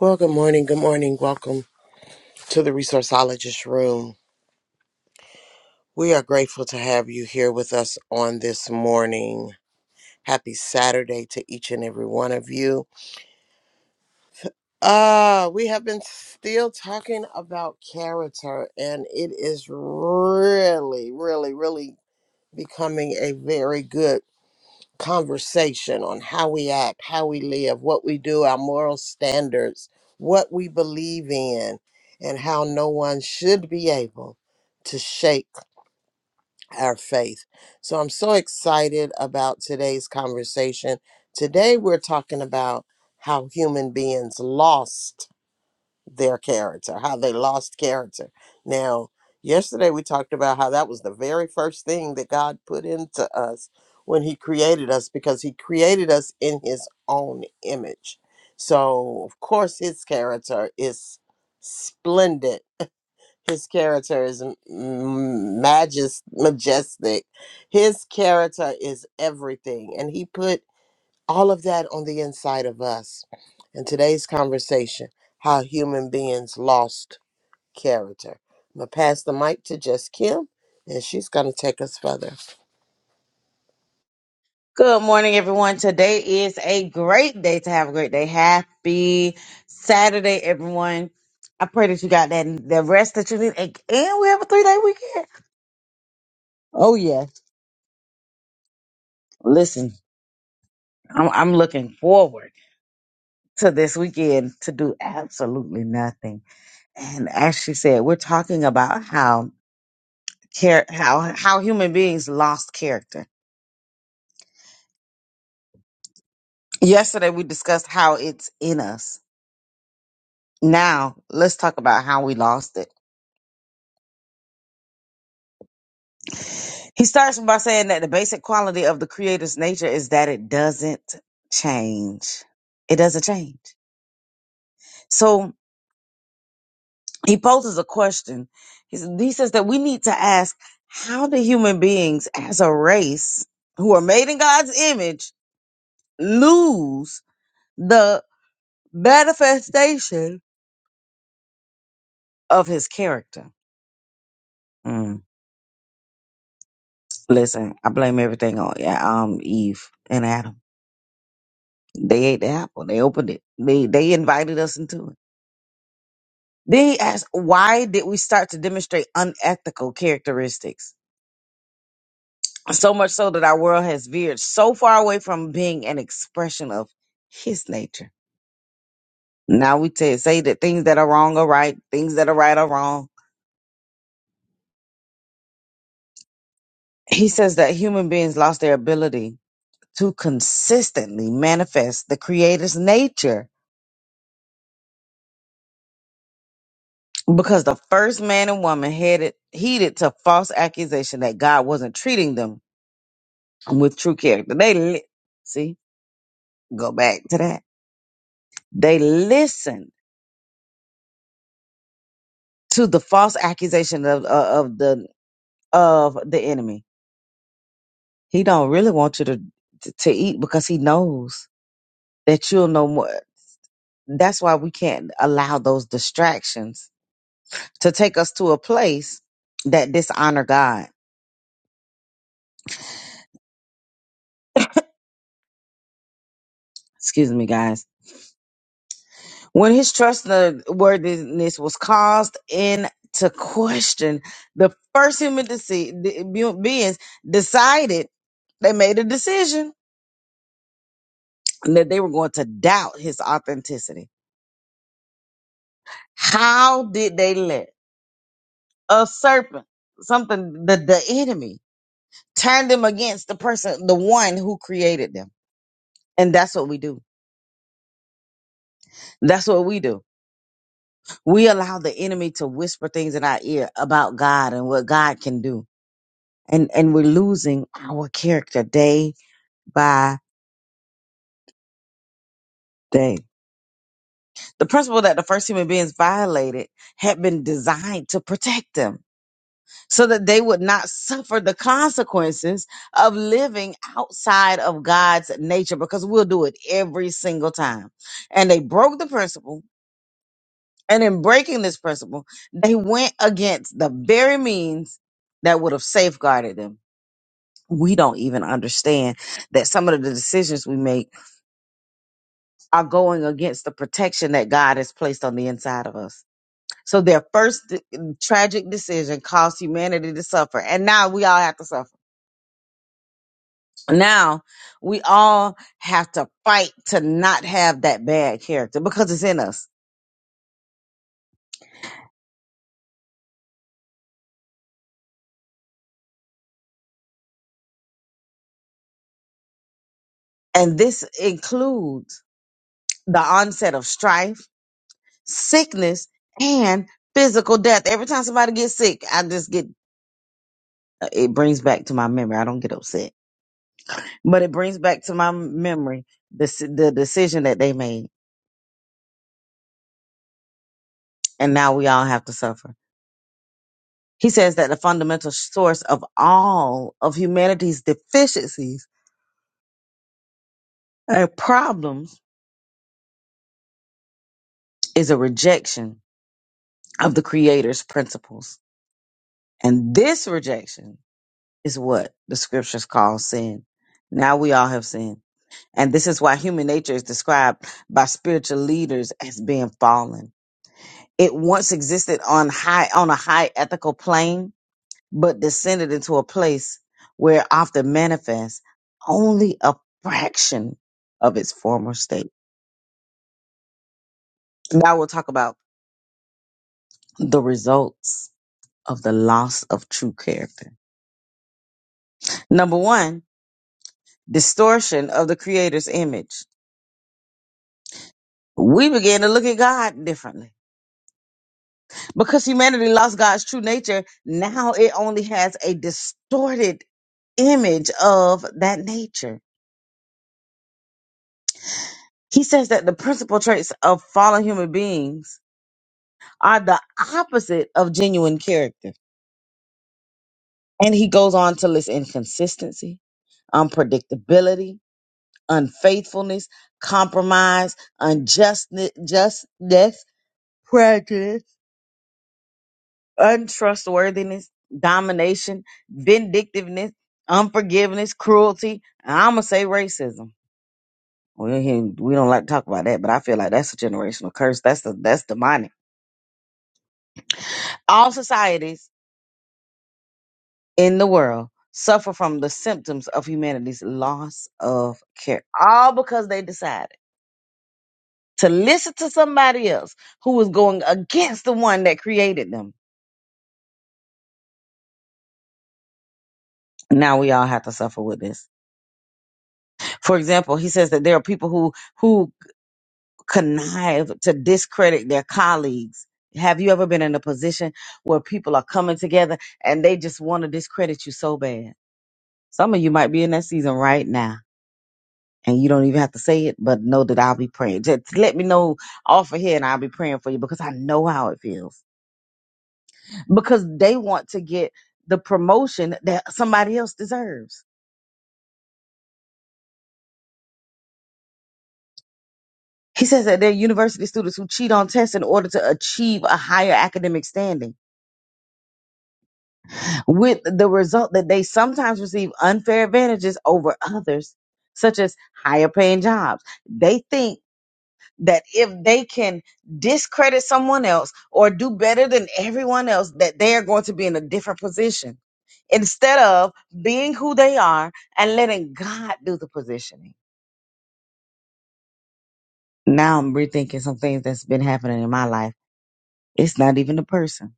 Well, good morning. Good morning. Welcome to the Resourceologist Room. We are grateful to have you here with us on this morning. Happy Saturday to each and every one of you. Uh, we have been still talking about character, and it is really, really, really becoming a very good conversation on how we act, how we live, what we do, our moral standards, what we believe in, and how no one should be able to shake our faith. So I'm so excited about today's conversation. Today, we're talking about how human beings lost their character, how they lost character. Now, yesterday we talked about how that was the very first thing that God put into us when He created us, because He created us in His own image. So, of course, His character is splendid. His character is m- m- majest, majestic. His character is everything. And he put all of that on the inside of us. And today's conversation, how human beings lost character. I'm going to pass the mic to Just Kim, and she's going to take us further. Good morning, everyone. Today is a great day to have a great day. Happy Saturday, everyone. I pray that you got that the rest that you need, and and we have a three day weekend. Oh yeah, listen, I'm, I'm looking forward to this weekend to do absolutely nothing. And as she said, we're talking about how care how how human beings lost character. Yesterday we discussed how it's in us. Now let's talk about how we lost it He starts by saying that the basic quality of the creator's nature is that it doesn't change. It doesn't change. So he poses a question. He s- he says that we need to ask how do human beings as a race who are made in God's image lose the manifestation of his character? Mm. Listen, I blame everything on yeah, um Eve and Adam. They ate the apple. They opened it. They they invited us into it. Then he asked, why did we start to demonstrate unethical characteristics? So much so that our world has veered so far away from being an expression of his nature. Now we t- say that things that are wrong are right, things that are right are wrong. He says that human beings lost their ability to consistently manifest the creator's nature because the first man and woman headed heeded to false accusation that God wasn't treating them with true character. They li- see, go back to that They listened to the false accusation of uh, of the of the enemy. He don't really want you to to eat because he knows that you'll know more. That's why we can't allow those distractions to take us to a place that dishonor God. Excuse me, guys. When his trustworthiness was caused into question, the first human dece- the- beings decided they made a decision and that they were going to doubt his authenticity. How did they let a serpent, something, the, the enemy, turn them against the person, the one who created them? And that's what we do. That's what we do. We allow the enemy to whisper things in our ear about God and what God can do. And, and we're losing our character day by day. The principle that the first human beings violated had been designed to protect them so that they would not suffer the consequences of living outside of God's nature because we'll do it every single time. And they broke the principle. And in breaking this principle, they went against the very means that would have safeguarded them. We don't even understand that some of the decisions we make are going against the protection that God has placed on the inside of us. So their first d- tragic decision caused humanity to suffer. And now we all have to suffer Now we all have to fight to not have that bad character because it's in us. And this includes the onset of strife, sickness, and physical death. Every time somebody gets sick, I just get it brings back to my memory. I don't get upset, but it brings back to my memory the s- the decision that they made, and now we all have to suffer. He says that the fundamental source of all of humanity's deficiencies and problems is a rejection of the creator's principles. And this rejection is what the scriptures call sin. Now we all have sinned. And this is why human nature is described by spiritual leaders as being fallen. It once existed on high, on a high ethical plane, but descended into a place where it often manifests only a fraction of its former state. Now we'll talk about the results of the loss of true character. Number one, distortion of the creator's image. We began to look at God differently. Because humanity lost God's true nature, now it only has a distorted image of that nature. He says that the principal traits of fallen human beings are the opposite of genuine character. And he goes on to list inconsistency, unpredictability, unfaithfulness, compromise, unjustness, justness, prejudice untrustworthiness, domination, vindictiveness, unforgiveness, cruelty, and I'm gonna say racism. We do we don't like to talk about that, but I feel like that's a generational curse. That's the that's demonic. All societies in the world suffer from the symptoms of humanity's loss of care, all because they decided to listen to somebody else who was going against the one that created them. Now we all have to suffer with this. For example, he says that there are people who who connive to discredit their colleagues. Have you ever been in a position where people are coming together and they just want to discredit you so bad? Some of you might be in that season right now and you don't even have to say it, but know that I'll be praying. Just let me know off of here and I'll be praying for you because I know how it feels. Because they want to get the promotion that somebody else deserves. He says that they're university students who cheat on tests in order to achieve a higher academic standing. with the result that they sometimes receive unfair advantages over others, such as higher paying jobs. They think that if they can discredit someone else or do better than everyone else, that they are going to be in a different position instead of being who they are and letting God do the positioning. Now I'm rethinking some things that's been happening in my life. It's not even a person.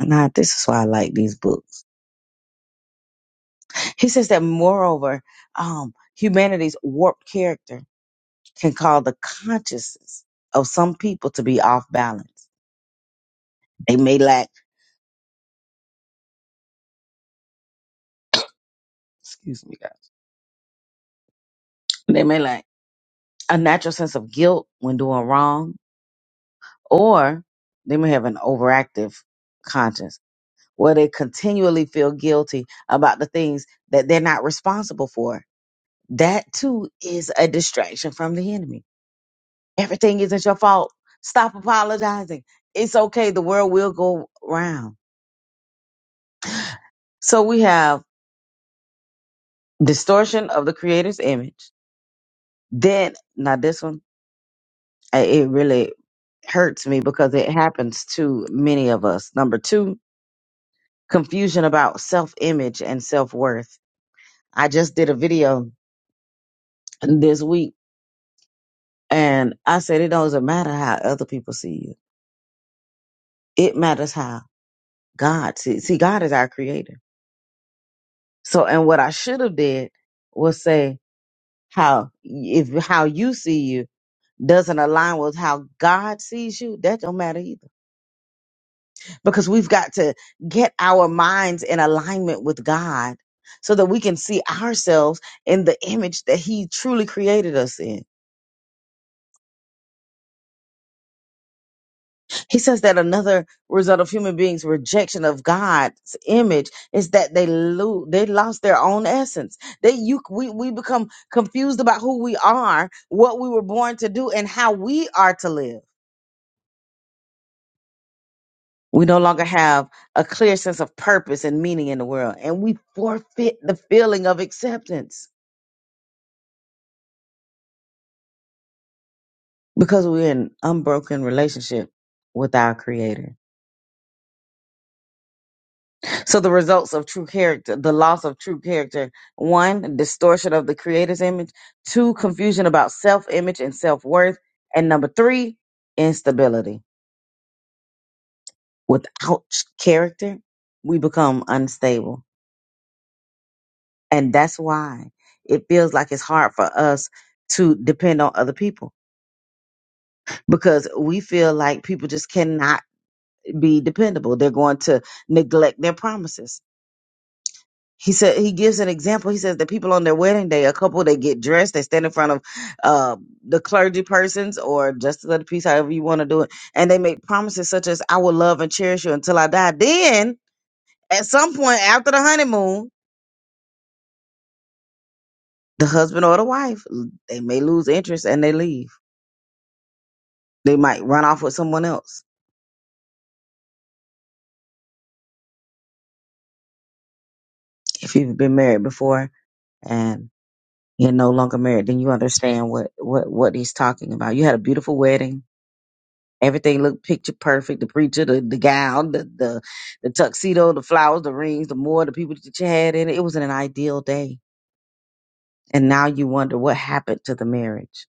Nah, this is why I like these books. He says that moreover, um, humanity's warped character can cause the consciousness of some people to be off balance. They may lack, excuse me, guys, they may lack a natural sense of guilt when doing wrong, or they may have an overactive conscience where they continually feel guilty about the things that they're not responsible for. That too is a distraction from the enemy Everything isn't your fault. Stop apologizing. It's okay. The world will go round. So we have distortion of the creator's image. Then, now this one, I- it really hurts me because it happens to many of us. Number two, confusion about self image and self worth. I just did a video this week and I said, it doesn't matter how other people see you. It matters how God sees. See, God is our creator. So, and what I should have did was say, How if how you see you doesn't align with how God sees you, that don't matter either. Because we've got to get our minds in alignment with God so that we can see ourselves in the image that he truly created us in. He says that another result of human beings rejection of God's image is that they lo- they lost their own essence. They you we we become confused about who we are, what we were born to do and how we are to live. We no longer have a clear sense of purpose and meaning in the world, and we forfeit the feeling of acceptance because we're in unbroken relationship with our creator. So the results of true character, the loss of true character, one, distortion of the creator's image, two, confusion about self-image and self-worth, and number three, instability. Without character, we become unstable. And that's why it feels like it's hard for us to depend on other people because we feel like people just cannot be dependable. They're going to neglect their promises. He said he gives an example. He says that people on their wedding day, a couple, they get dressed, they stand in front of uh, the clergy persons or justice of the peace, however you want to do it, and they make promises such as "I will love and cherish you until I die." Then, at some point after the honeymoon, the husband or the wife they may lose interest and they leave. They might run off with someone else if you've been married before. and You're no longer married, then you understand what what what he's talking about. You had a beautiful wedding. Everything looked picture perfect. The preacher, the, the gown, the, the the tuxedo, the flowers, the rings, the more, the people that you had in it. It was an ideal day. And now you wonder what happened to the marriage.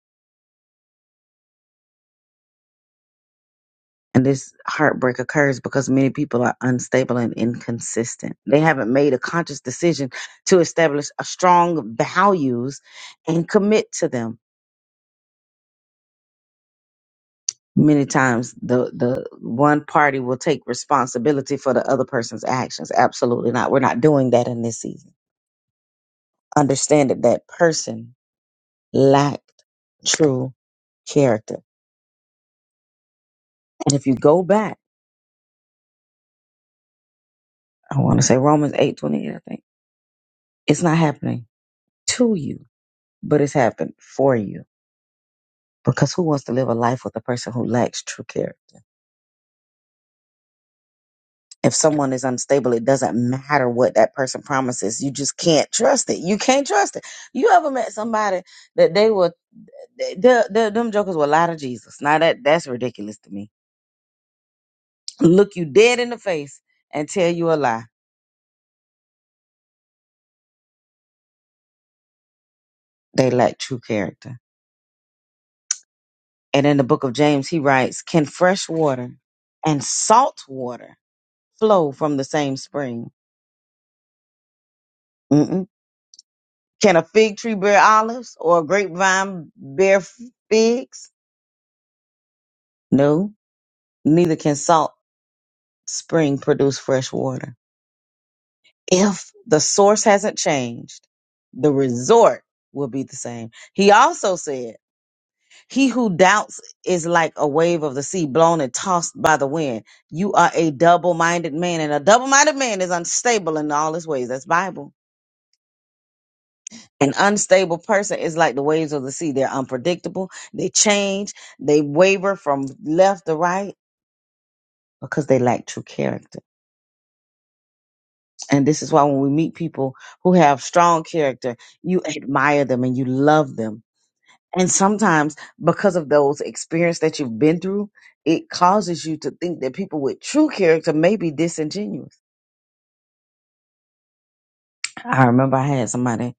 And this heartbreak occurs because many people are unstable and inconsistent. They haven't made a conscious decision to establish a strong values and commit to them many times the the one party will take responsibility for the other person's actions absolutely not we're not doing that in this season understand that that person lacked true character and if you go back i want to say romans eight twenty eight. i think it's not happening to you but it's happened for you because who wants to live a life with a person who lacks true character if someone is unstable it doesn't matter what that person promises you just can't trust it you can't trust it you ever met somebody that they were the, the them jokers will lie to Jesus. Now that that's ridiculous to me. Look you dead in the face and tell you a lie. They lack true character. And in the book of James, he writes, "Can fresh water and salt water flow from the same spring? Mm-mm. Can a fig tree bear olives or a grapevine bear f- figs? No. Neither can salt spring produce fresh water. If the source hasn't changed, the resort will be the same." He also said. He who doubts is like a wave of the sea blown and tossed by the wind. You are a double minded man, and a double minded man is unstable in all his ways. That's Bible. An unstable person is like the waves of the sea. They're unpredictable, they change, they waver from left to right because they lack true character. And this is why when we meet people who have strong character, you admire them and you love them And sometimes, because of those experience that you've been through, it causes you to think that people with true character may be disingenuous. I remember I had somebody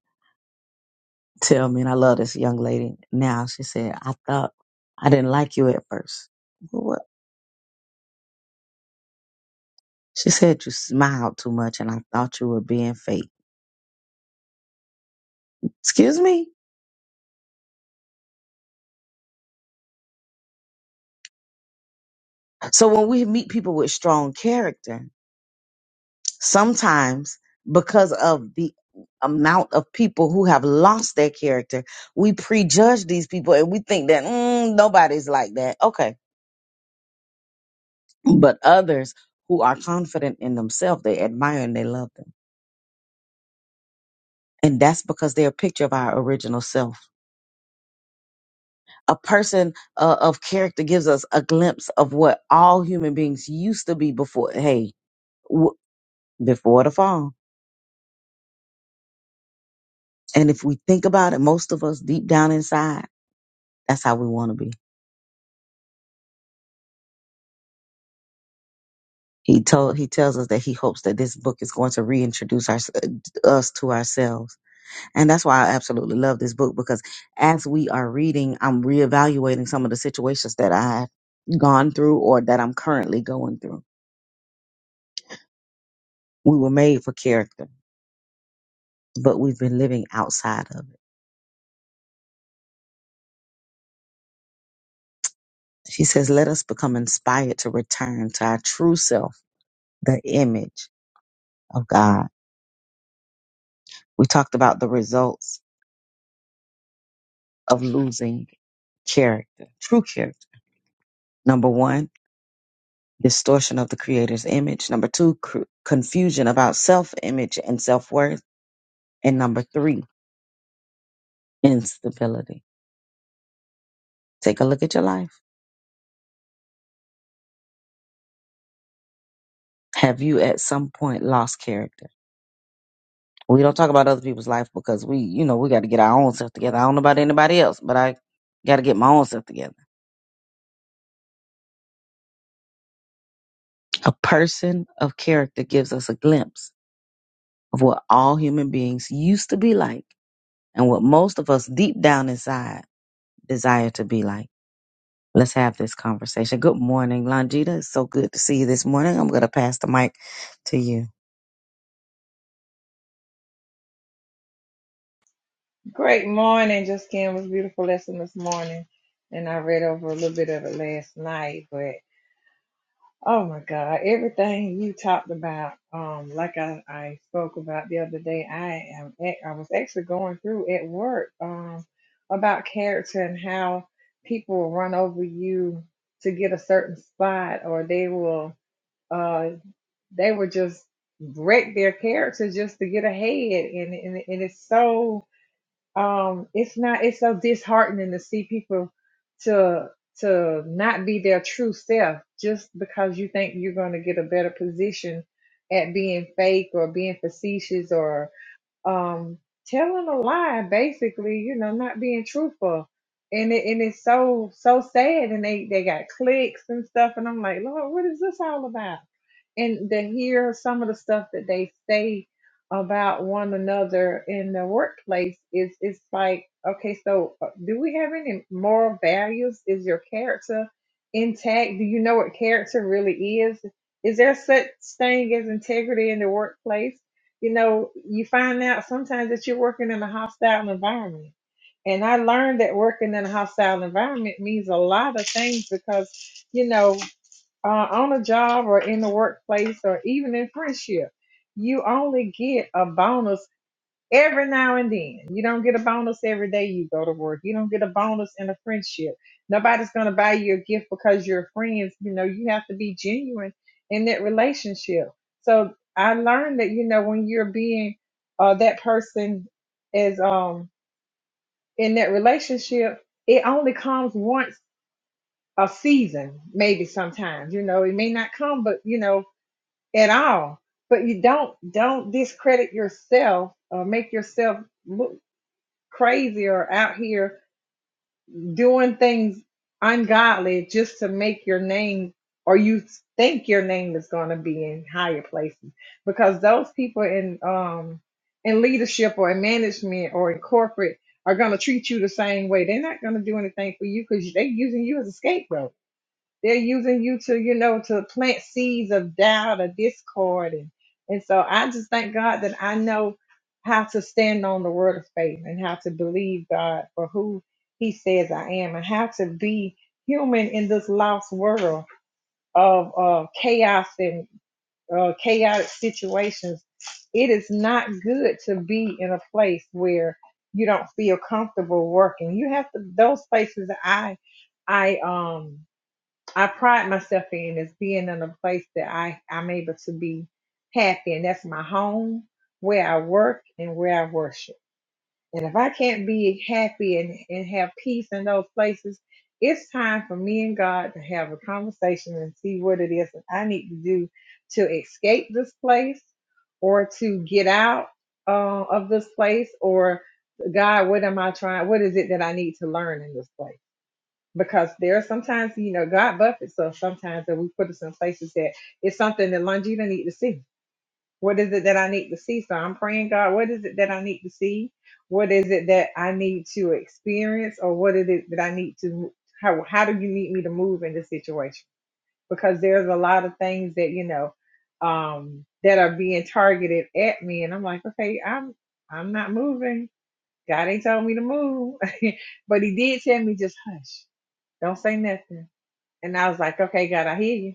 tell me, and I love this young lady now. She said, "I thought I didn't like you at first. Well, what? She said you smiled too much, and I thought you were being fake. Excuse me. So when we meet people with strong character, Sometimes, because of the amount of people who have lost their character, we prejudge these people and we think that "Mm, nobody's like that. Okay. But others who are confident in themselves, they admire and they love them. And that's because they're a picture of our original self. A person uh, of character gives us a glimpse of what all human beings used to be before, hey, w- before the fall. And if we think about it, most of us deep down inside, that's how we want to be He told he tells us that he hopes that this book is going to reintroduce our, us to ourselves, and that's why I absolutely love this book because as we are reading, I'm reevaluating some of the situations that I've gone through or that I'm currently going through. We were made for character, but we've been living outside of it. She says, "Let us become inspired to return to our true self, the image of God." We talked about the results of losing character, true character. Number one. distortion of the creator's image. Number two, cr- confusion about self image and self worth. And number three, instability. Take a look at your life. Have you at some point lost character? We don't talk about other people's life because we, you know, we got to get our own stuff together. I don't know about anybody else, but I got to get my own stuff together. A person of character gives us a glimpse of what all human beings used to be like and what most of us deep down inside desire to be like. Let's have this conversation. Good morning, Longita. It's so good to see you this morning. I'm going to pass the mic to you. Great morning, just It was a beautiful lesson this morning, and I read over a little bit of it last night. But oh my God, everything you talked about, um, like I, I spoke about the other day, I am ac- I was actually going through at work um, about character and how people will run over you to get a certain spot, or they will uh, they will just wreck their character just to get ahead, and and, and it's so um it's not it's so disheartening to see people to to not be their true self just because you think you're going to get a better position at being fake or being facetious or um telling a lie basically you know not being truthful and it, and it's so so sad and they they got clicks and stuff and i'm like lord what is this all about and to hear some of the stuff that they say about one another in the workplace is it's like okay so uh, do we have any moral values is your character intact do you know what character really is is there such thing as integrity in the workplace you know, you find out sometimes that you're working in a hostile environment. And I learned that working in a hostile environment means a lot of things because, you know, uh, on a job or in the workplace or even in friendship, you only get a bonus every now and then. You don't get a bonus every day you go to work. You don't get a bonus in a friendship. Nobody's going to buy you a gift because you're friends. You know, you have to be genuine in that relationship. So I learned that, you know, when you're being uh, that person is um, in that relationship, it only comes once a season, maybe sometimes, you know, it may not come, but you know, at all. But you don't don't discredit yourself or make yourself look crazy or out here doing things ungodly just to make your name or you think your name is going to be in higher places because those people in um in leadership or in management or in corporate are going to treat you the same way they're not going to do anything for you because they're using you as a scapegoat they're using you to you know to plant seeds of doubt or discord and and so i just thank god that i know how to stand on the word of faith and how to believe god for who he says i am and how to be human in this lost world of uh, chaos and uh, chaotic situations it is not good to be in a place where you don't feel comfortable working you have to those places i i um I pride myself in is being in a place that I, I'm able to be happy. And that's my home, where I work, and where I worship. And if I can't be happy and, and have peace in those places, it's time for me and God to have a conversation and see what it is that I need to do to escape this place or to get out uh, of this place or God, what am I trying? What is it that I need to learn in this place? because there are sometimes you know God buffets us sometimes that we put us in places that it's something that Longita need to see. What is it that I need to see? So I'm praying, God, what is it that I need to see? What is it that I need to experience, or what is it that I need to? How how do you need me to move in this situation? Because there's a lot of things that you know um, that are being targeted at me, and I'm like, okay, I'm I'm not moving. God ain't told me to move, but He did tell me just hush, don't say nothing and I was like, okay, God, I hear you.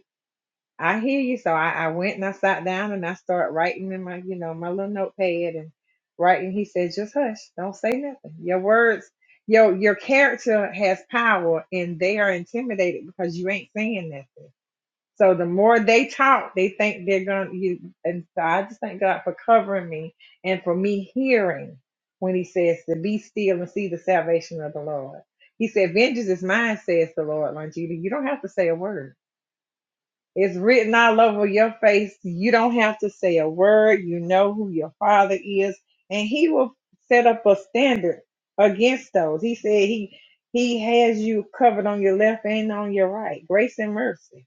I hear you. So I, I went and I sat down and I started writing in my, you know, my little notepad and writing. He said, just hush. Don't say nothing. Your words, your your character has power and they are intimidated because you ain't saying nothing. So the more they talk, they think they're gonna you and so I just thank God for covering me and for me hearing when he says to be still and see the salvation of the Lord. He said, Vengeance is mine, says the Lord, Longita. You don't have to say a word it's written all over your face. You don't have to say a word. You know who your father is, and he will set up a standard against those. He said he he has you covered on your left and on your right, grace and mercy.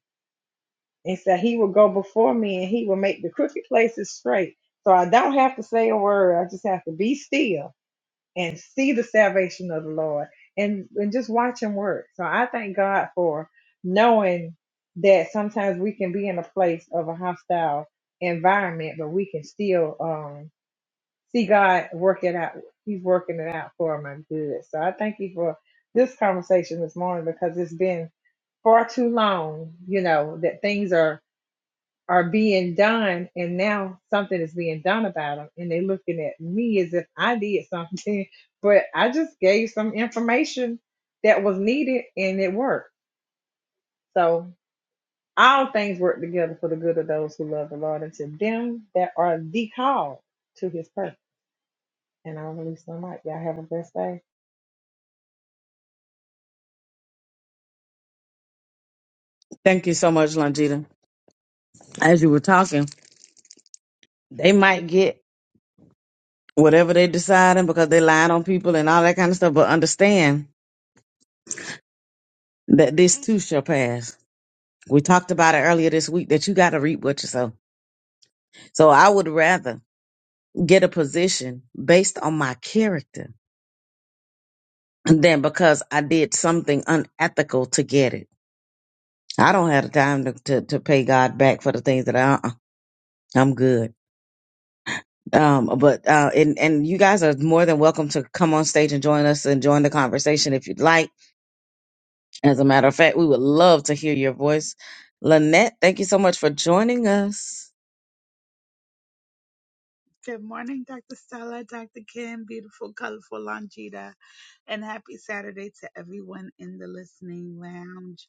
And so he will go before me, and he will make the crooked places straight. So I don't have to say a word. I just have to be still and see the salvation of the Lord and, and just watch him work. So I thank God for knowing that sometimes we can be in a place of a hostile environment, but we can still um, see God work it out. He's working it out for my good. So I thank you for this conversation this morning because it's been far too long, you know, that things are are being done and now something is being done about them and they're looking at me as if i did something but i just gave some information that was needed and it worked so all things work together for the good of those who love the lord and to them that are the call to his purpose and i release my mic y'all have a blessed day Thank you so much, Longita. As you were talking, they might get whatever they deciding because they lied on people and all that kind of stuff, but understand that this too shall pass. We talked about it earlier this week that you got to reap what you sow. So I would rather get a position based on my character than because I did something unethical to get it. I don't have the time to, to, to pay God back for the things that I uh-uh. I'm good. Um, but uh, and and you guys are more than welcome to come on stage and join us and join the conversation if you'd like. As a matter of fact, we would love to hear your voice. Lynette, thank you so much for joining us. Good morning, Dr. Stella, Dr. Kim, beautiful, colorful Longita, and happy Saturday to everyone in the listening lounge.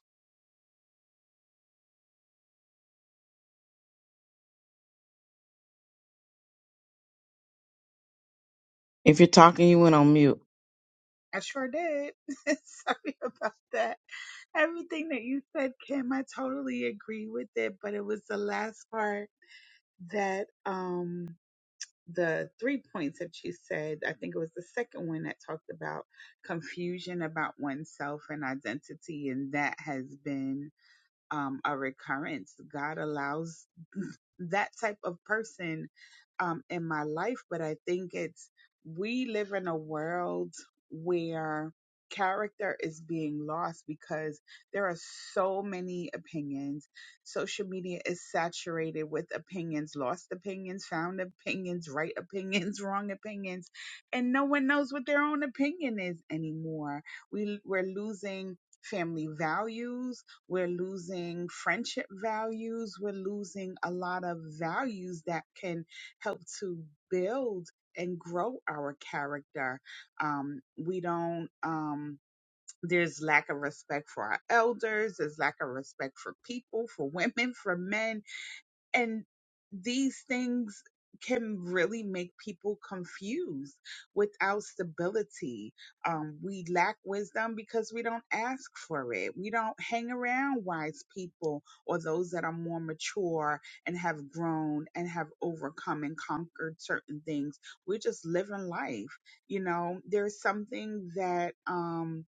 If you're talking, you went on mute. I sure did. Sorry about that. Everything that you said, Kim, I totally agree with it, but it was the last part that um the three points that you said, I think it was the second one that talked about confusion about oneself and identity, and that has been um, a recurrence. God allows that type of person um, in my life, but I think it's we live in a world where character is being lost because there are so many opinions. Social media is saturated with opinions, lost opinions, found opinions, right opinions, wrong opinions, and no one knows what their own opinion is anymore. We we're losing family values we're losing friendship values. We're losing a lot of values that can help to build and grow our character. Um, we don't, um, there's lack of respect for our elders. There's lack of respect for people, for women, for men and these things can really make people confused without stability um we lack wisdom because we don't ask for it we don't hang around wise people or those that are more mature and have grown and have overcome and conquered certain things we're just living life you know there's something that um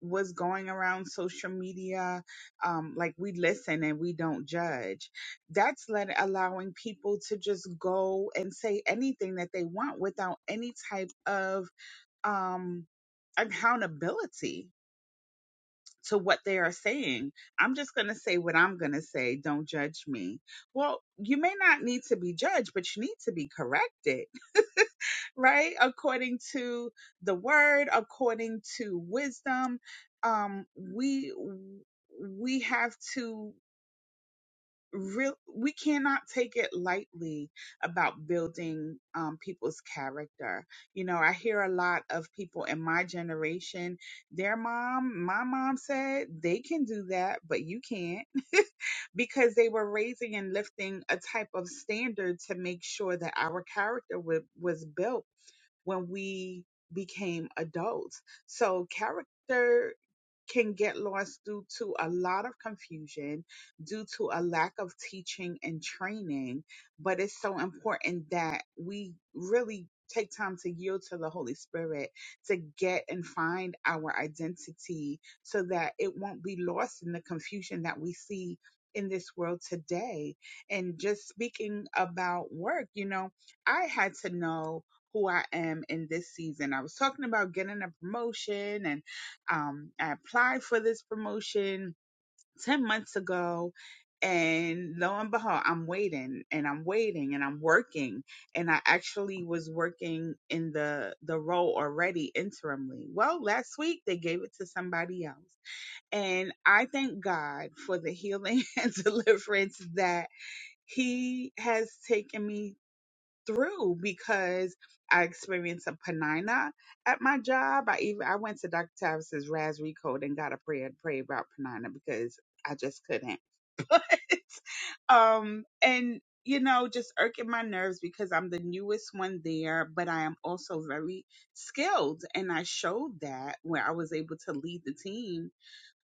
was going around social media um like we listen and we don't judge that's let allowing people to just go and say anything that they want without any type of um accountability to what they are saying. I'm just going to say what I'm going to say. Don't judge me. Well, you may not need to be judged, but you need to be corrected, right? According to the word, according to wisdom, um, we we have to real we cannot take it lightly about building um, people's character you know i hear a lot of people in my generation their mom my mom said they can do that but you can't because they were raising and lifting a type of standard to make sure that our character w- was built when we became adults so character can get lost due to a lot of confusion, due to a lack of teaching and training. But it's so important that we really take time to yield to the Holy Spirit to get and find our identity so that it won't be lost in the confusion that we see in this world today. And just speaking about work, you know, I had to know who I am in this season. I was talking about getting a promotion and um, I applied for this promotion 10 months ago. And lo and behold, I'm waiting and I'm waiting and I'm working. And I actually was working in the, the role already interimly. Well, last week they gave it to somebody else. And I thank God for the healing and deliverance that He has taken me through because I experienced a panina at my job. I even I went to Dr. Tavis's Raspberry Code and got a prayer and prayed about panina because I just couldn't. But um and you know just irking my nerves because I'm the newest one there, but I am also very skilled and I showed that where I was able to lead the team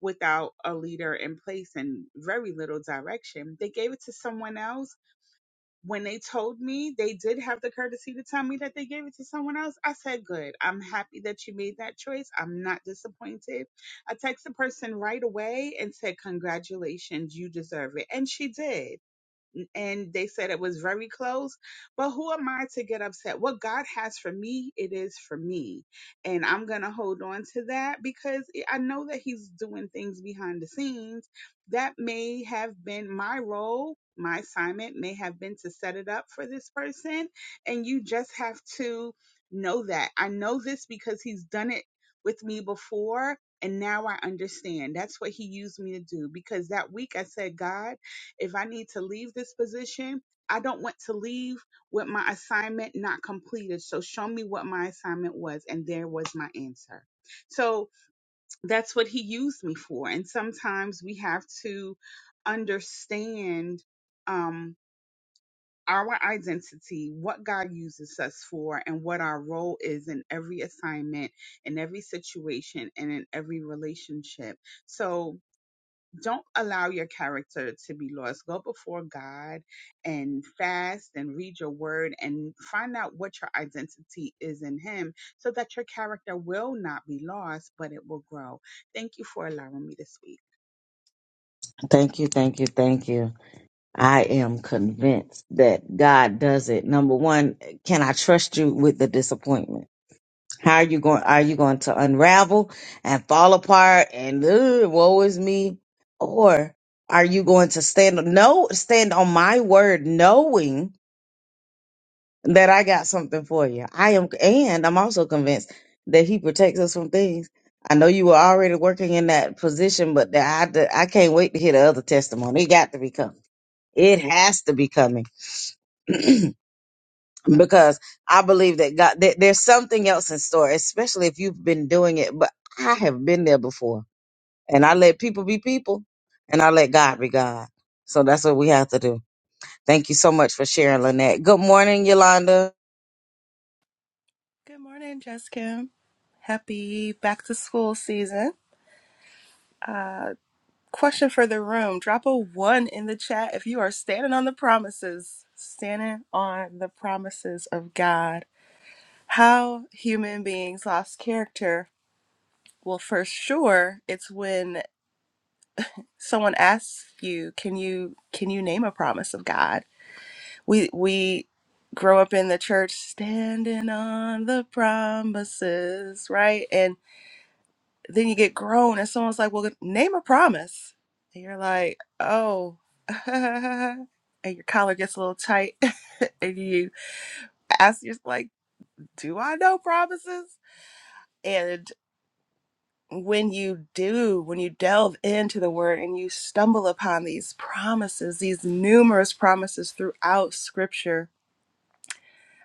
without a leader in place and very little direction. They gave it to someone else when they told me they did have the courtesy to tell me that they gave it to someone else, I said, Good. I'm happy that you made that choice. I'm not disappointed. I texted the person right away and said, Congratulations, you deserve it. And she did and they said it was very close. But who am I to get upset? What God has for me, it is for me. And I'm going to hold on to that because I know that He's doing things behind the scenes that may have been my role. My assignment may have been to set it up for this person. And you just have to know that. I know this because He's done it with me before. And now I understand. That's what he used me to do because that week I said, God, if I need to leave this position, I don't want to leave with my assignment not completed. So show me what my assignment was. And there was my answer. So that's what he used me for. And sometimes we have to understand um, our identity, what God uses us for, and what our role is in every assignment, in every situation, and in every relationship. So, don't allow your character to be lost. Go before God and fast and read your word and find out what your identity is in Him so that your character will not be lost, but it will grow. Thank you for allowing me to speak. Thank you, thank you, thank you. I am convinced that God does it. Number one, can I trust you with the disappointment? How are you going? Are you going to unravel and fall apart and "Ugh, woe is me, or are you going to stand no stand on my word, knowing that I got something for you? I am, and I'm also convinced that He protects us from things. I know you were already working in that position, but that I I can't wait to hear the other testimony. It got to be coming. It has to be coming. because I believe that God, there, there's something else in store, especially if you've been doing it. But I have been there before, and I let people be people, and I let God be God. So that's what we have to do. Thank you so much for sharing, Lynette. Good morning, Yolanda. Good morning, Jess Happy back to school season. Uh, question for the room. Drop a one in the chat if you are standing on the promises, standing on the promises of God. How human beings lost character. Well, for sure, it's when someone asks you, "Can you can you name a promise of God?" We we grow up in the church standing on the promises, right? And then you get grown and someone's like, well, name a promise. And you're like, oh, and your collar gets a little tight. and you ask yourself, like, do I know promises? And when you do, when you delve into the word and you stumble upon these promises, these numerous promises throughout scripture,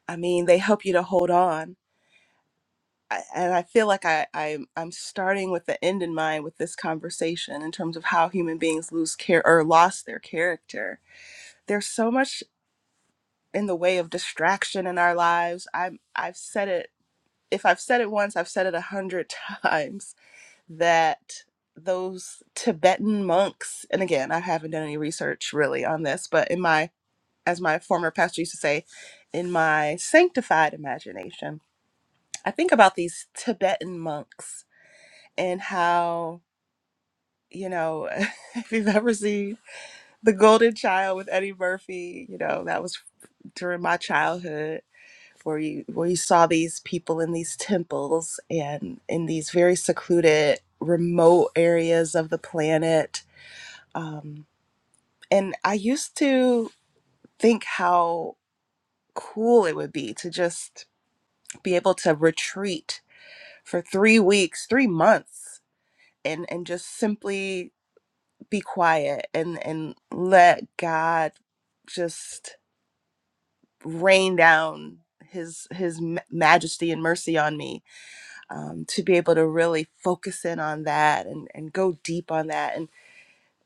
I mean, they help you to hold on I, and I feel like I, i I'm starting with the end in mind with this conversation in terms of how human beings lose care or lost their character. There's so much in the way of distraction in our lives. I'm I've said it if I've said it once, I've said it a hundred times that those Tibetan monks, and again, I haven't done any research really on this, but in my as my former pastor used to say, in my sanctified imagination, I think about these Tibetan monks and how you know if you've ever seen the golden child with eddie murphy you know that was during my childhood where you where you saw these people in these temples and in these very secluded remote areas of the planet um, and i used to think how cool it would be to just be able to retreat for three weeks three months and and just simply be quiet and and let God just rain down his his ma- majesty and mercy on me um, to be able to really focus in on that and and go deep on that and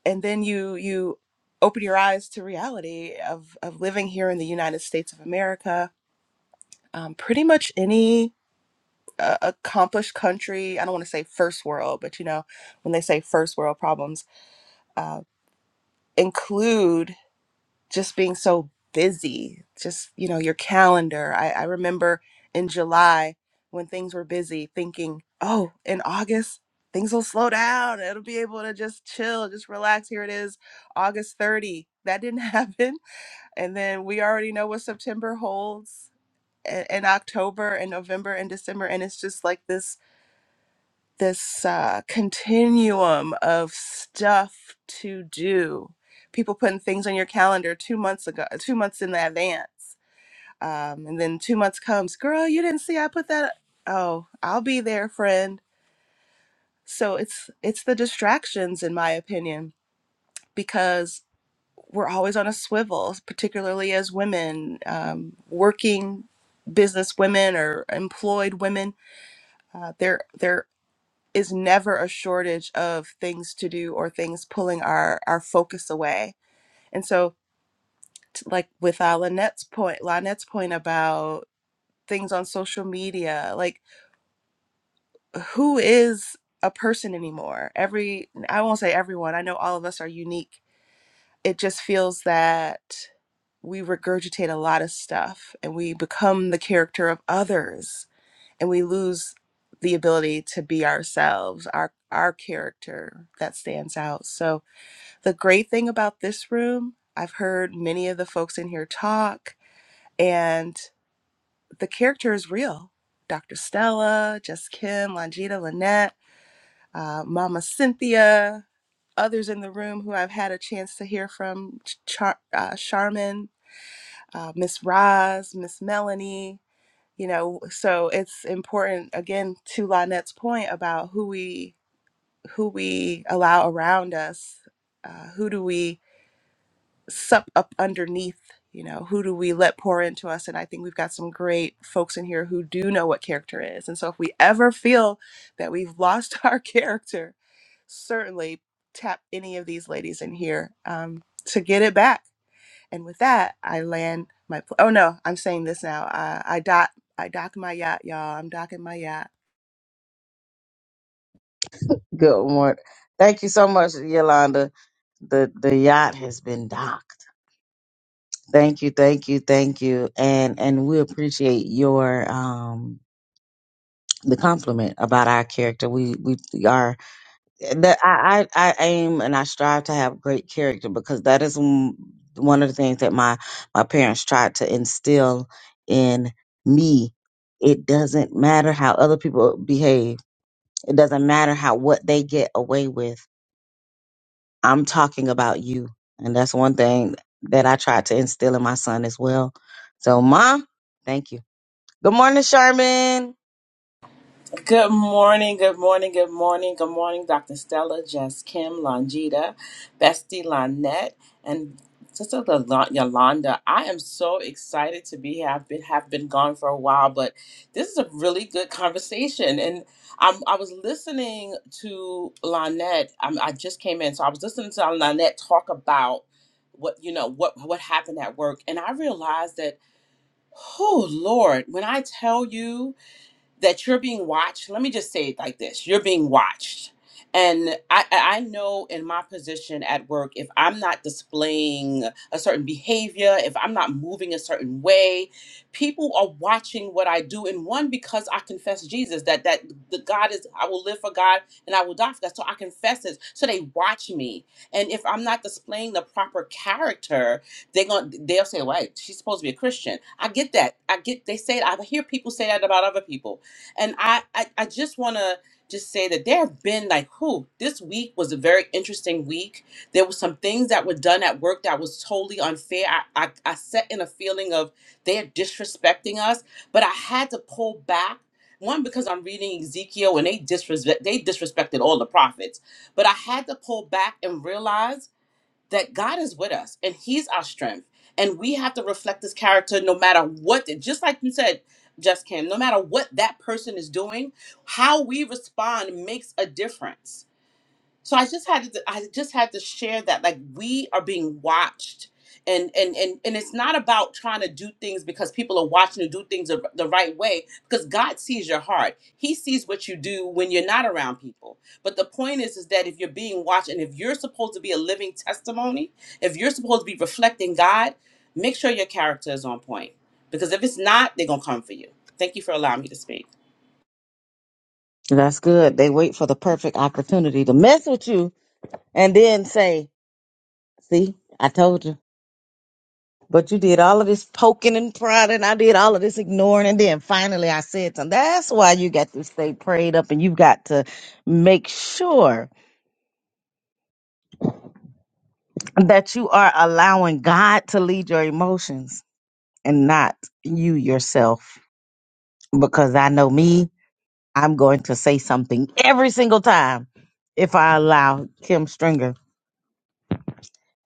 and then you you open your eyes to reality of of living here in the United States of America um, pretty much any uh, accomplished country I don't want to say first world but you know when they say first world problems uh, include just being so busy just you know your calendar I, I remember in july when things were busy thinking oh in august things will slow down it'll be able to just chill just relax here it is august 30 that didn't happen and then we already know what september holds and, and october and november and december and it's just like this this uh, continuum of stuff to do. People putting things on your calendar two months ago, two months in advance, um, and then two months comes. Girl, you didn't see I put that. Oh, I'll be there, friend. So it's it's the distractions, in my opinion, because we're always on a swivel, particularly as women, um, working business women or employed women. Uh, they're they're is never a shortage of things to do or things pulling our our focus away. And so, t- like with uh, Lynette's point, Lynette's point about things on social media, like who is a person anymore? Every I won't say everyone. I know all of us are unique. It just feels that we regurgitate a lot of stuff and we become the character of others and we lose the ability to be ourselves our our character that stands out so The great thing about this room, I've heard many of the folks in here talk, and the character is real. Dr. Stella, Just Kim, Longita, Lynette, uh, Mama Cynthia, others in the room who I've had a chance to hear from, Ch- Char- uh, Charmin, uh, Miss Roz, Miss Melanie. You know, so it's important again to Lynette's point about who we who we allow around us. Uh, who do we sup up underneath you know who do we let pour into us and i think we've got some great folks in here who do know what character is and so if we ever feel that we've lost our character certainly tap any of these ladies in here um, to get it back and with that, I land my. Pl- oh no, I'm saying this now. I, I dock. I dock my yacht, y'all. I'm docking my yacht. Good morning. Thank you so much, Yolanda. The the yacht has been docked. Thank you, thank you, thank you, and and we appreciate your um the compliment about our character. We we are that I, I I aim and I strive to have great character because that is m- one of the things that my my parents tried to instill in me. It doesn't matter how other people behave. It doesn't matter how what they get away with. I'm talking about you, and that's one thing that I tried to instill in my son as well. So, mom, thank you. Good morning, Sherman. Good morning, good morning, good morning, good morning, Dr. Stella, Jess Kim, Longita, Bestie Lonette, and Sister Lo- Yolanda. I am so excited to be here. I've been have been gone for a while, but this is a really good conversation. And I'm, I was listening to Lonette. i I just came in, so I was listening to Lonette talk about what you know what what happened at work, and I realized that, oh Lord, when I tell you that you're being watched let me just say it like this you're being watched and I, I I know in my position at work if i'm not displaying a certain behavior if i'm not moving a certain way people are watching what i do and one because i confess jesus that that the god is i will live for god and i will die for god so i confess it so they watch me and if i'm not displaying the proper character they're gonna they'll say wait she's supposed to be a christian i get that i get they say it. i hear people say that about other people and I, I, I just want to just say that there have been like, who this week was a very interesting week. There were some things that were done at work that was totally unfair. I, I, I sat in a feeling of they're disrespecting us, but I had to pull back. One because I'm reading Ezekiel and they disrespect they disrespected all the prophets, but I had to pull back and realize that God is with us and He's our strength. And we have to reflect His character no matter what, just like you said, Just Kim, no matter what that person is doing, how we respond makes a difference so i just had to i just had to share that like we are being watched and and and, and it's not about trying to do things because people are watching you do things the the right way because god sees your heart he sees what you do when you're not around people but the point is is that if you're being watched and if you're supposed to be a living testimony if you're supposed to be reflecting god make sure your character is on point because if it's not they're gonna come for you thank you for allowing me to speak That's good. They wait for the perfect opportunity to mess with you and then say. See, I told you. But you did all of this poking and prodding. I did all of this ignoring. And then finally I said something. That's why you got to stay prayed up and you've got to make sure that you are allowing God to lead your emotions and not you yourself. Because I know me, I'm going to say something every single time if I allow Kim Stringer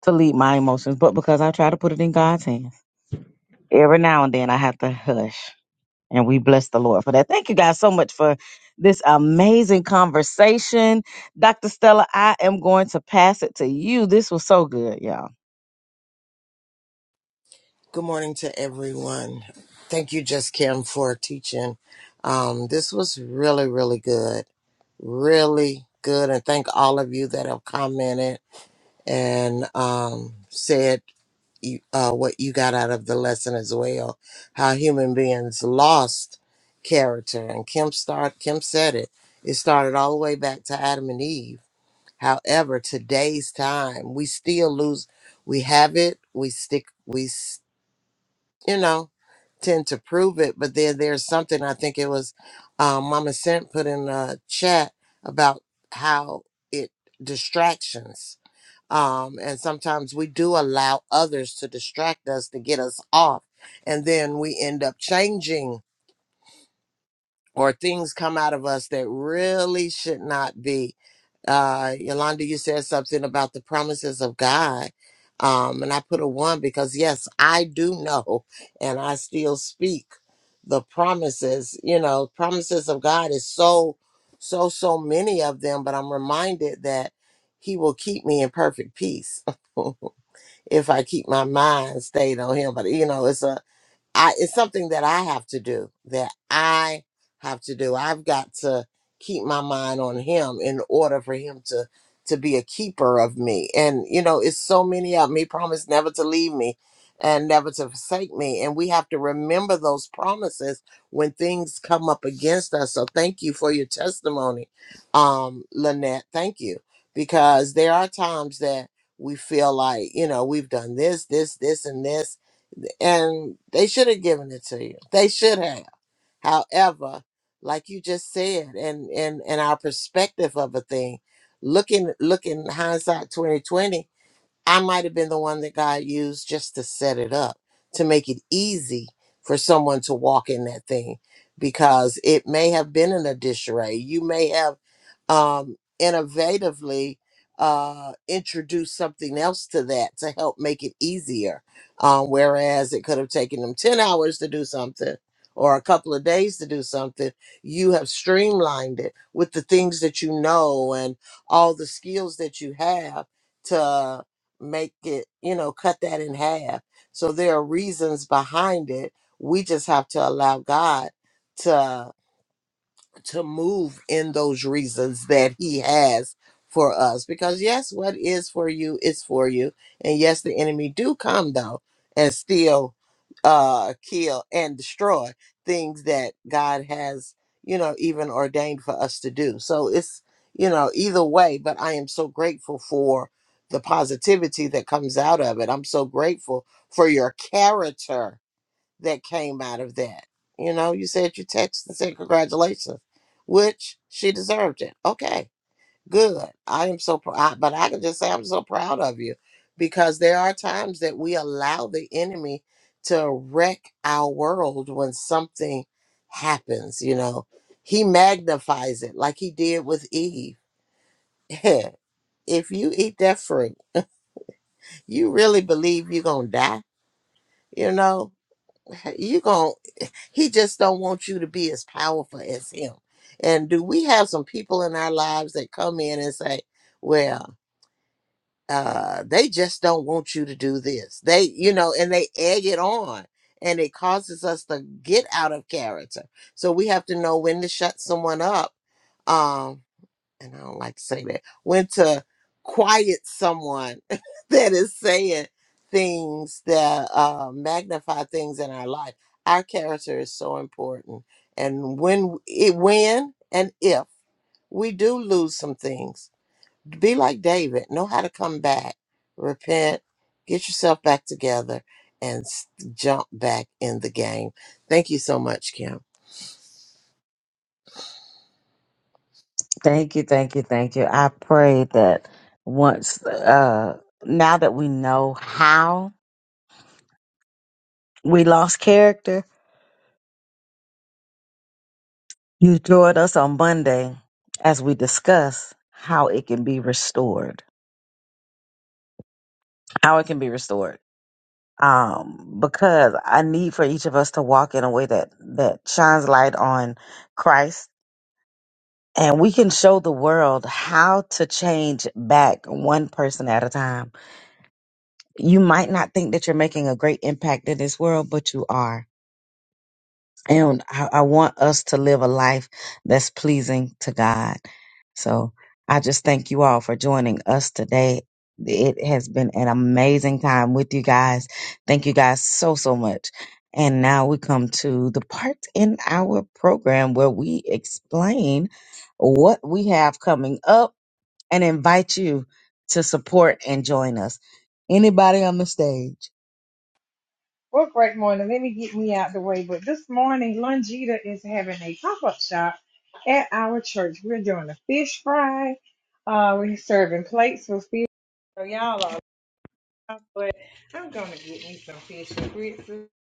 to lead my emotions. But because I try to put it in God's hands, every now and then I have to hush And we bless the Lord for that. Thank you guys so much for this amazing conversation. Dr. Stella, I am going to pass it to you. This was so good, y'all. Good morning to everyone. Thank you, Just Kim, for teaching. Um, this was really, really good. Really good. And thank all of you that have commented and um, said you, uh, what you got out of the lesson as well. How human beings lost character, and Kim start Kim said it. It started all the way back to Adam and Eve. However, today's time, we still lose. We have it. We stick. We s- you know tend to prove it, but then there's something I think it was um, Mama Sent put in a chat about how it distractions um, and sometimes we do allow others to distract us to get us off and then we end up changing or things come out of us that really should not be uh yolanda you said something about the promises of god um and i put a one because yes i do know and i still speak the promises you know promises of god is so so so many of them but i'm reminded that he will keep me in perfect peace if I keep my mind stayed on him. But you know, it's a I it's something that I have to do that I have to do. I've got to keep my mind on him in order for him to to be a keeper of me. And you know, it's so many of them. He promised never to leave me and never to forsake me. And we have to remember those promises when things come up against us. So thank you for your testimony, um, Lynette. Thank you. Because there are times that we feel like, you know, we've done this, this, this, and this and they should have given it to you. They should have. However, like you just said, and and and our perspective of a thing, looking looking hindsight 2020. I might have been the one that God used just to set it up to make it easy for someone to walk in that thing because it may have been in a disarray. You may have um, innovatively uh, introduced something else to that to help make it easier. Um, whereas it could have taken them 10 hours to do something or a couple of days to do something, you have streamlined it with the things that you know and all the skills that you have to make it, you know, cut that in half. So there are reasons behind it. We just have to allow God to to move in those reasons that he has for us because yes what is for you is for you and yes the enemy do come though and steal uh kill and destroy things that god has you know even ordained for us to do so it's you know either way but i am so grateful for the positivity that comes out of it i'm so grateful for your character that came out of that. You know, you said you texted and said congratulations, which she deserved it. Okay, good. I am so proud, but I can just say I'm so proud of you because there are times that we allow the enemy to wreck our world when something happens. You know, he magnifies it like he did with Eve. if you eat that fruit, you really believe you're gonna die. You know, you gon' He just don't want you to be as powerful as him. And do we have some people in our lives that come in and say, well, uh, they just don't want you to do this. They, you know, and they egg it on and it causes us to get out of character. So we have to know when to shut someone up. Um, and I don't like to say that, when to quiet someone that is saying things that uh, magnify things in our life. Our character is so important, and when it when and if we do lose some things, be like David. Know how to come back, repent, get yourself back together, and s- jump back in the game. Thank you so much, Kim. Thank you, thank you, thank you. I pray that once, uh, now that we know how we lost character, You joined us on Monday as we discuss how it can be restored. How it can be restored. Um, because I need for each of us to walk in a way that that shines light on Christ, and we can show the world how to change back one person at a time. You might not think that you're making a great impact in this world, but you are. And I, I want us to live a life that's pleasing to God. So I just thank you all for joining us today. It has been an amazing time with you guys. Thank you guys so, so much. And now we come to the part in our program where we explain what we have coming up and invite you to support and join us. Anybody on the stage? Well, great morning. Let me get me out the way. But this morning, Longita is having a pop up shop at our church. We're doing a fish fry. Uh, we're serving plates with fish. So y'all are, but I'm gonna get me some fish and grits.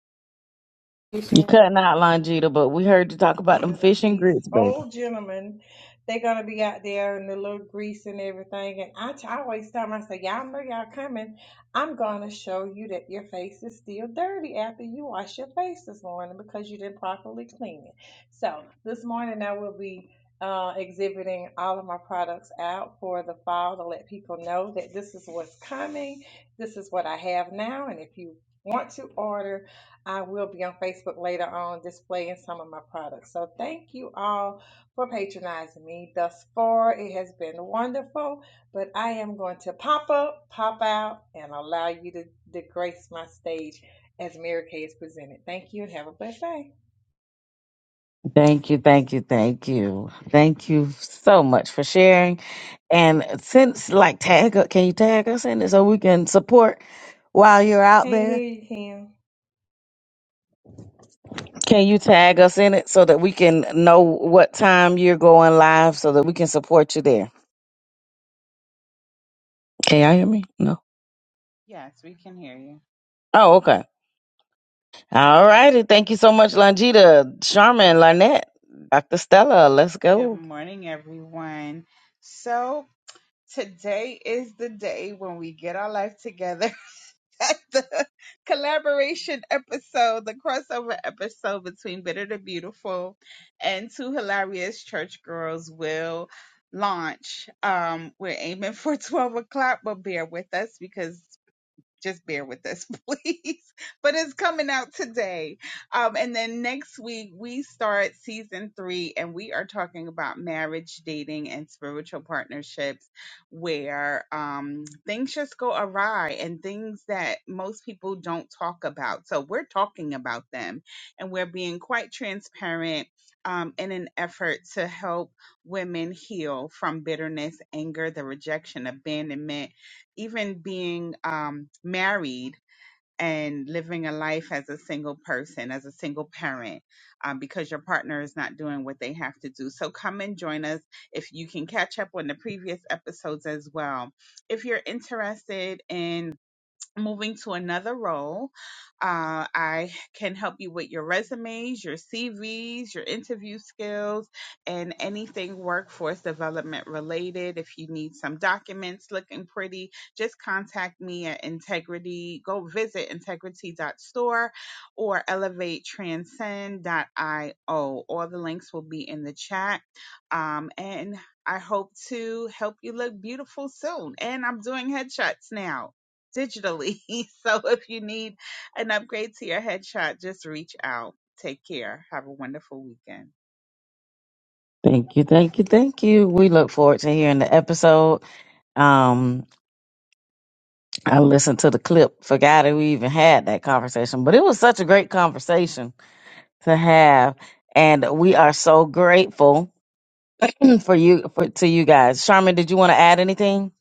You cutting out, Longita, but we heard you talk about them fish and these grits, old gentlemen, they're gonna be out there in the little grease and everything. And I, t- I always tell them, I say, y'all know y'all coming. I'm gonna show you that your face is still dirty after you wash your face this morning because you didn't properly clean it. So this morning I will be uh, exhibiting all of my products out for the fall to let people know that this is what's coming. This is what I have now, and if you want to order I will be on Facebook later on displaying some of my products. So thank you all for patronizing me thus far. It has been wonderful, but I am going to pop up, pop out, and allow you to, to grace my stage as Mary Kay is presented. Thank you and have a blessed day. Thank you, thank you, thank you. Thank you so much for sharing. And since like tag up, can you tag us in it so we can support while you're out Can't hear there? you, Kim. Can you tag us in it so that we can know what time you're going live so that we can support you there? Can y'all hear me? No. Yes, we can hear you. Oh, okay. All righty. Thank you so much, Longita, Charmin, Lynette, Dr. Stella. Let's Good go. morning, everyone. So, today is the day when we get our life together at the collaboration episode, the crossover episode between Bitter to Beautiful and Two Hilarious Church Girls will launch. Um, we're aiming for 12 o'clock, but bear with us because just bear with us, please. But it's coming out today. Um, and then next week, we start season three, and we are talking about marriage, dating, and spiritual partnerships where um, things just go awry and things that most people don't talk about. So we're talking about them, and we're being quite transparent um, in an effort to help women heal from bitterness, anger, the rejection, abandonment even being um, married and living a life as a single person, as a single parent, um, because your partner is not doing what they have to do. So come and join us if you can catch up on the previous episodes as well. If you're interested in moving to another role. Uh, I can help you with your resumes, your CVs, your interview skills, and anything workforce development related. If you need some documents looking pretty, just contact me at integrity. Go visit Integrity dot Store or Elevate elevatetranscend.io. All the links will be in the chat. Um, and I hope to help you look beautiful soon. And I'm doing headshots now digitally. So if you need an upgrade to your headshot, just reach out. Take care. Have a wonderful weekend. Thank you, thank you, thank you. We look forward to hearing the episode. Um, I listened to the clip, forgot who even had that conversation, but it was such a great conversation to have. And we are so grateful for you, for, to you guys. Charmin, did you want to add anything?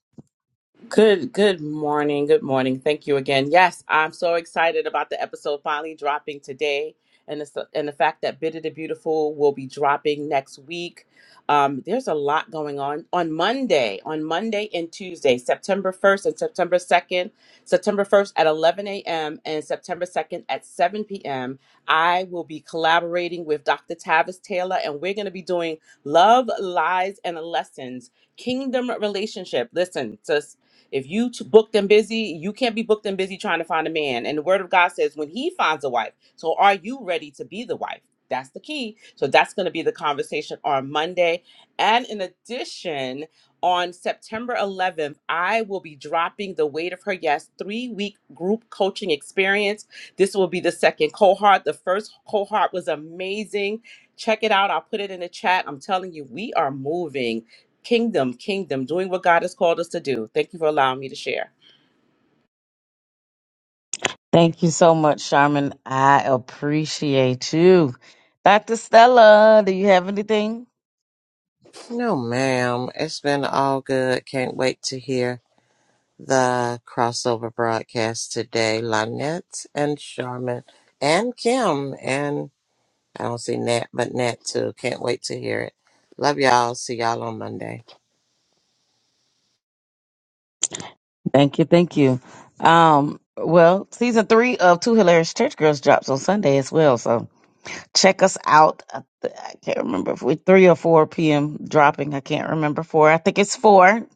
Good good morning. Good morning. Thank you again. Yes, I'm so excited about the episode finally dropping today and the, and the fact that Bitter the Beautiful will be dropping next week. Um, there's a lot going on on Monday, on Monday and Tuesday, September 1st and September 2nd. September 1st at 11 a.m. and September 2nd at 7 p.m. I will be collaborating with Dr. Tavis Taylor, and we're going to be doing Love, Lies, and Lessons Kingdom Relationship. Listen, sis, if you t- booked and busy, you can't be booked and busy trying to find a man. And the word of God says when he finds a wife. So are you ready to be the wife? That's the key. So that's going to be the conversation on Monday. And in addition, on September 11th, I will be dropping the Weight of Her Yes three week group coaching experience. This will be the second cohort. The first cohort was amazing. Check it out. I'll put it in the chat. I'm telling you, we are moving. Kingdom, kingdom, doing what God has called us to do. Thank you for allowing me to share. Thank you so much, Charmin. I appreciate you. Dr. Stella, do you have anything? No, ma'am. It's been all good. Can't wait to hear the crossover broadcast today. Lynette and Charmin and Kim and I don't see Nat, but Nat too. Can't wait to hear it. Love y'all. See y'all on Monday. Thank you. Thank you. Um, well, season three of Two Hilarious Church Girls drops on Sunday as well. So check us out. I th- I can't remember if we three or four p.m. dropping. I can't remember four. I think it's four.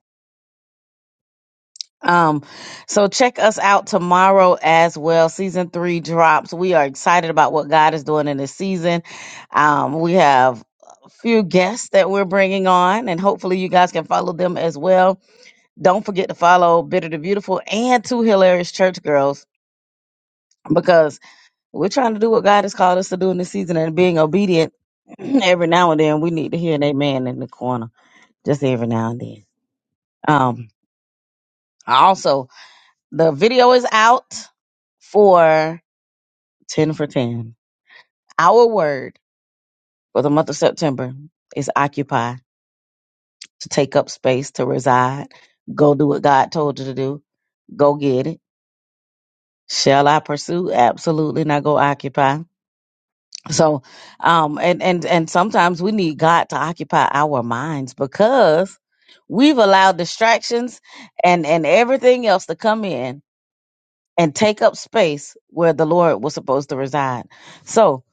Um, so check us out tomorrow as well. Season three drops. We are excited about what God is doing in this season. Um, we have a few guests that we're bringing on, and hopefully you guys can follow them as well. Don't forget to follow Bitter the Beautiful and Two Hilarious Church Girls because We're trying to do what God has called us to do in this season and being obedient every now and then. We need to hear an amen in the corner, just every now and then. Um, also, the video is out for 10 for 10. Our word for the month of September is occupy, to take up space, to reside, go do what God told you to do, go get it. Shall I pursue? Absolutely Now go occupy. So, um, and and and sometimes we need God to occupy our minds because we've allowed distractions and and everything else to come in and take up space where the Lord was supposed to reside. So,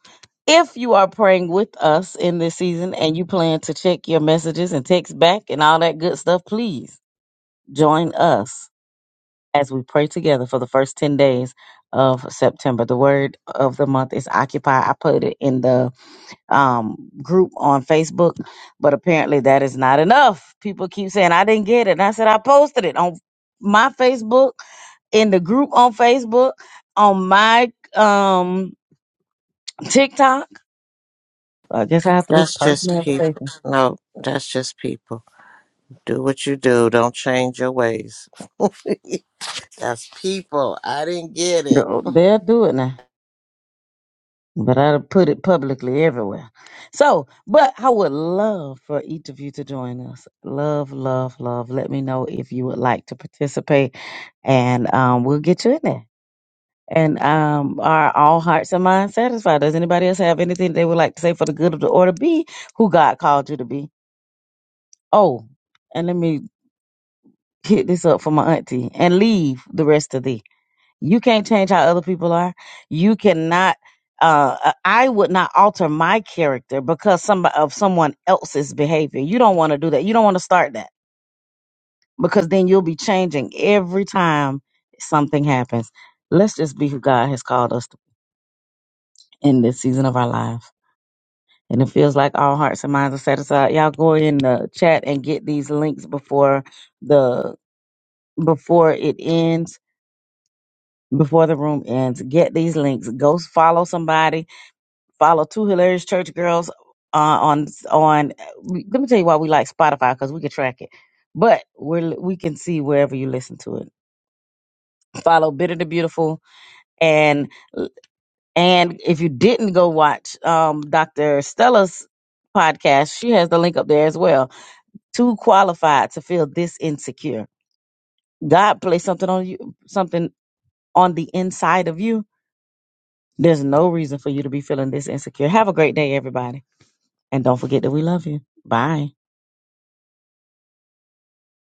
if you are praying with us in this season and you plan to check your messages and text back and all that good stuff, please join us as we pray together for the first 10 days of September. The word of the month is occupy. I put it in the um, group on Facebook, but apparently that is not enough. People keep saying I didn't get it, and I said I posted it on my Facebook, in the group on Facebook, on my um TikTok. So I guess I have to do That's personal just people. invitations. No, that's just people. Do what you do. Don't change your ways. That's people. I didn't get it. They'll they'll do it now, but I'll put it publicly everywhere. So, but I would love for each of you to join us. Love, love, love. Let me know if you would like to participate, and um, we'll get you in there. And um, are all hearts and minds satisfied? Does anybody else have anything they would like to say for the good of the order? Be who God called you to be. Oh, and let me hit this up for my auntie and leave the rest of thee. You can't change how other people are. You cannot. Uh, uh, I would not alter my character because some of someone else's behavior. You don't want to do that. You don't want to start that because then you'll be changing every time something happens. Let's just be who God has called us to in this season of our lives. And it feels like all hearts and minds are satisfied. Y'all go in the chat and get these links before the before it ends, before the room ends. Get these links. Go follow somebody. Follow two hilarious church girls uh, on on. Let me tell you why we like Spotify because we can track it, but we're we can see wherever you listen to it. Follow Bitter the Beautiful and and if you didn't go watch um, Dr. Stella's podcast, she has the link up there as well too qualified to feel this insecure. God placed something on you, something on the inside of you. There's no reason for you to be feeling this insecure. Have a great day, everybody. And don't forget that we love you. Bye.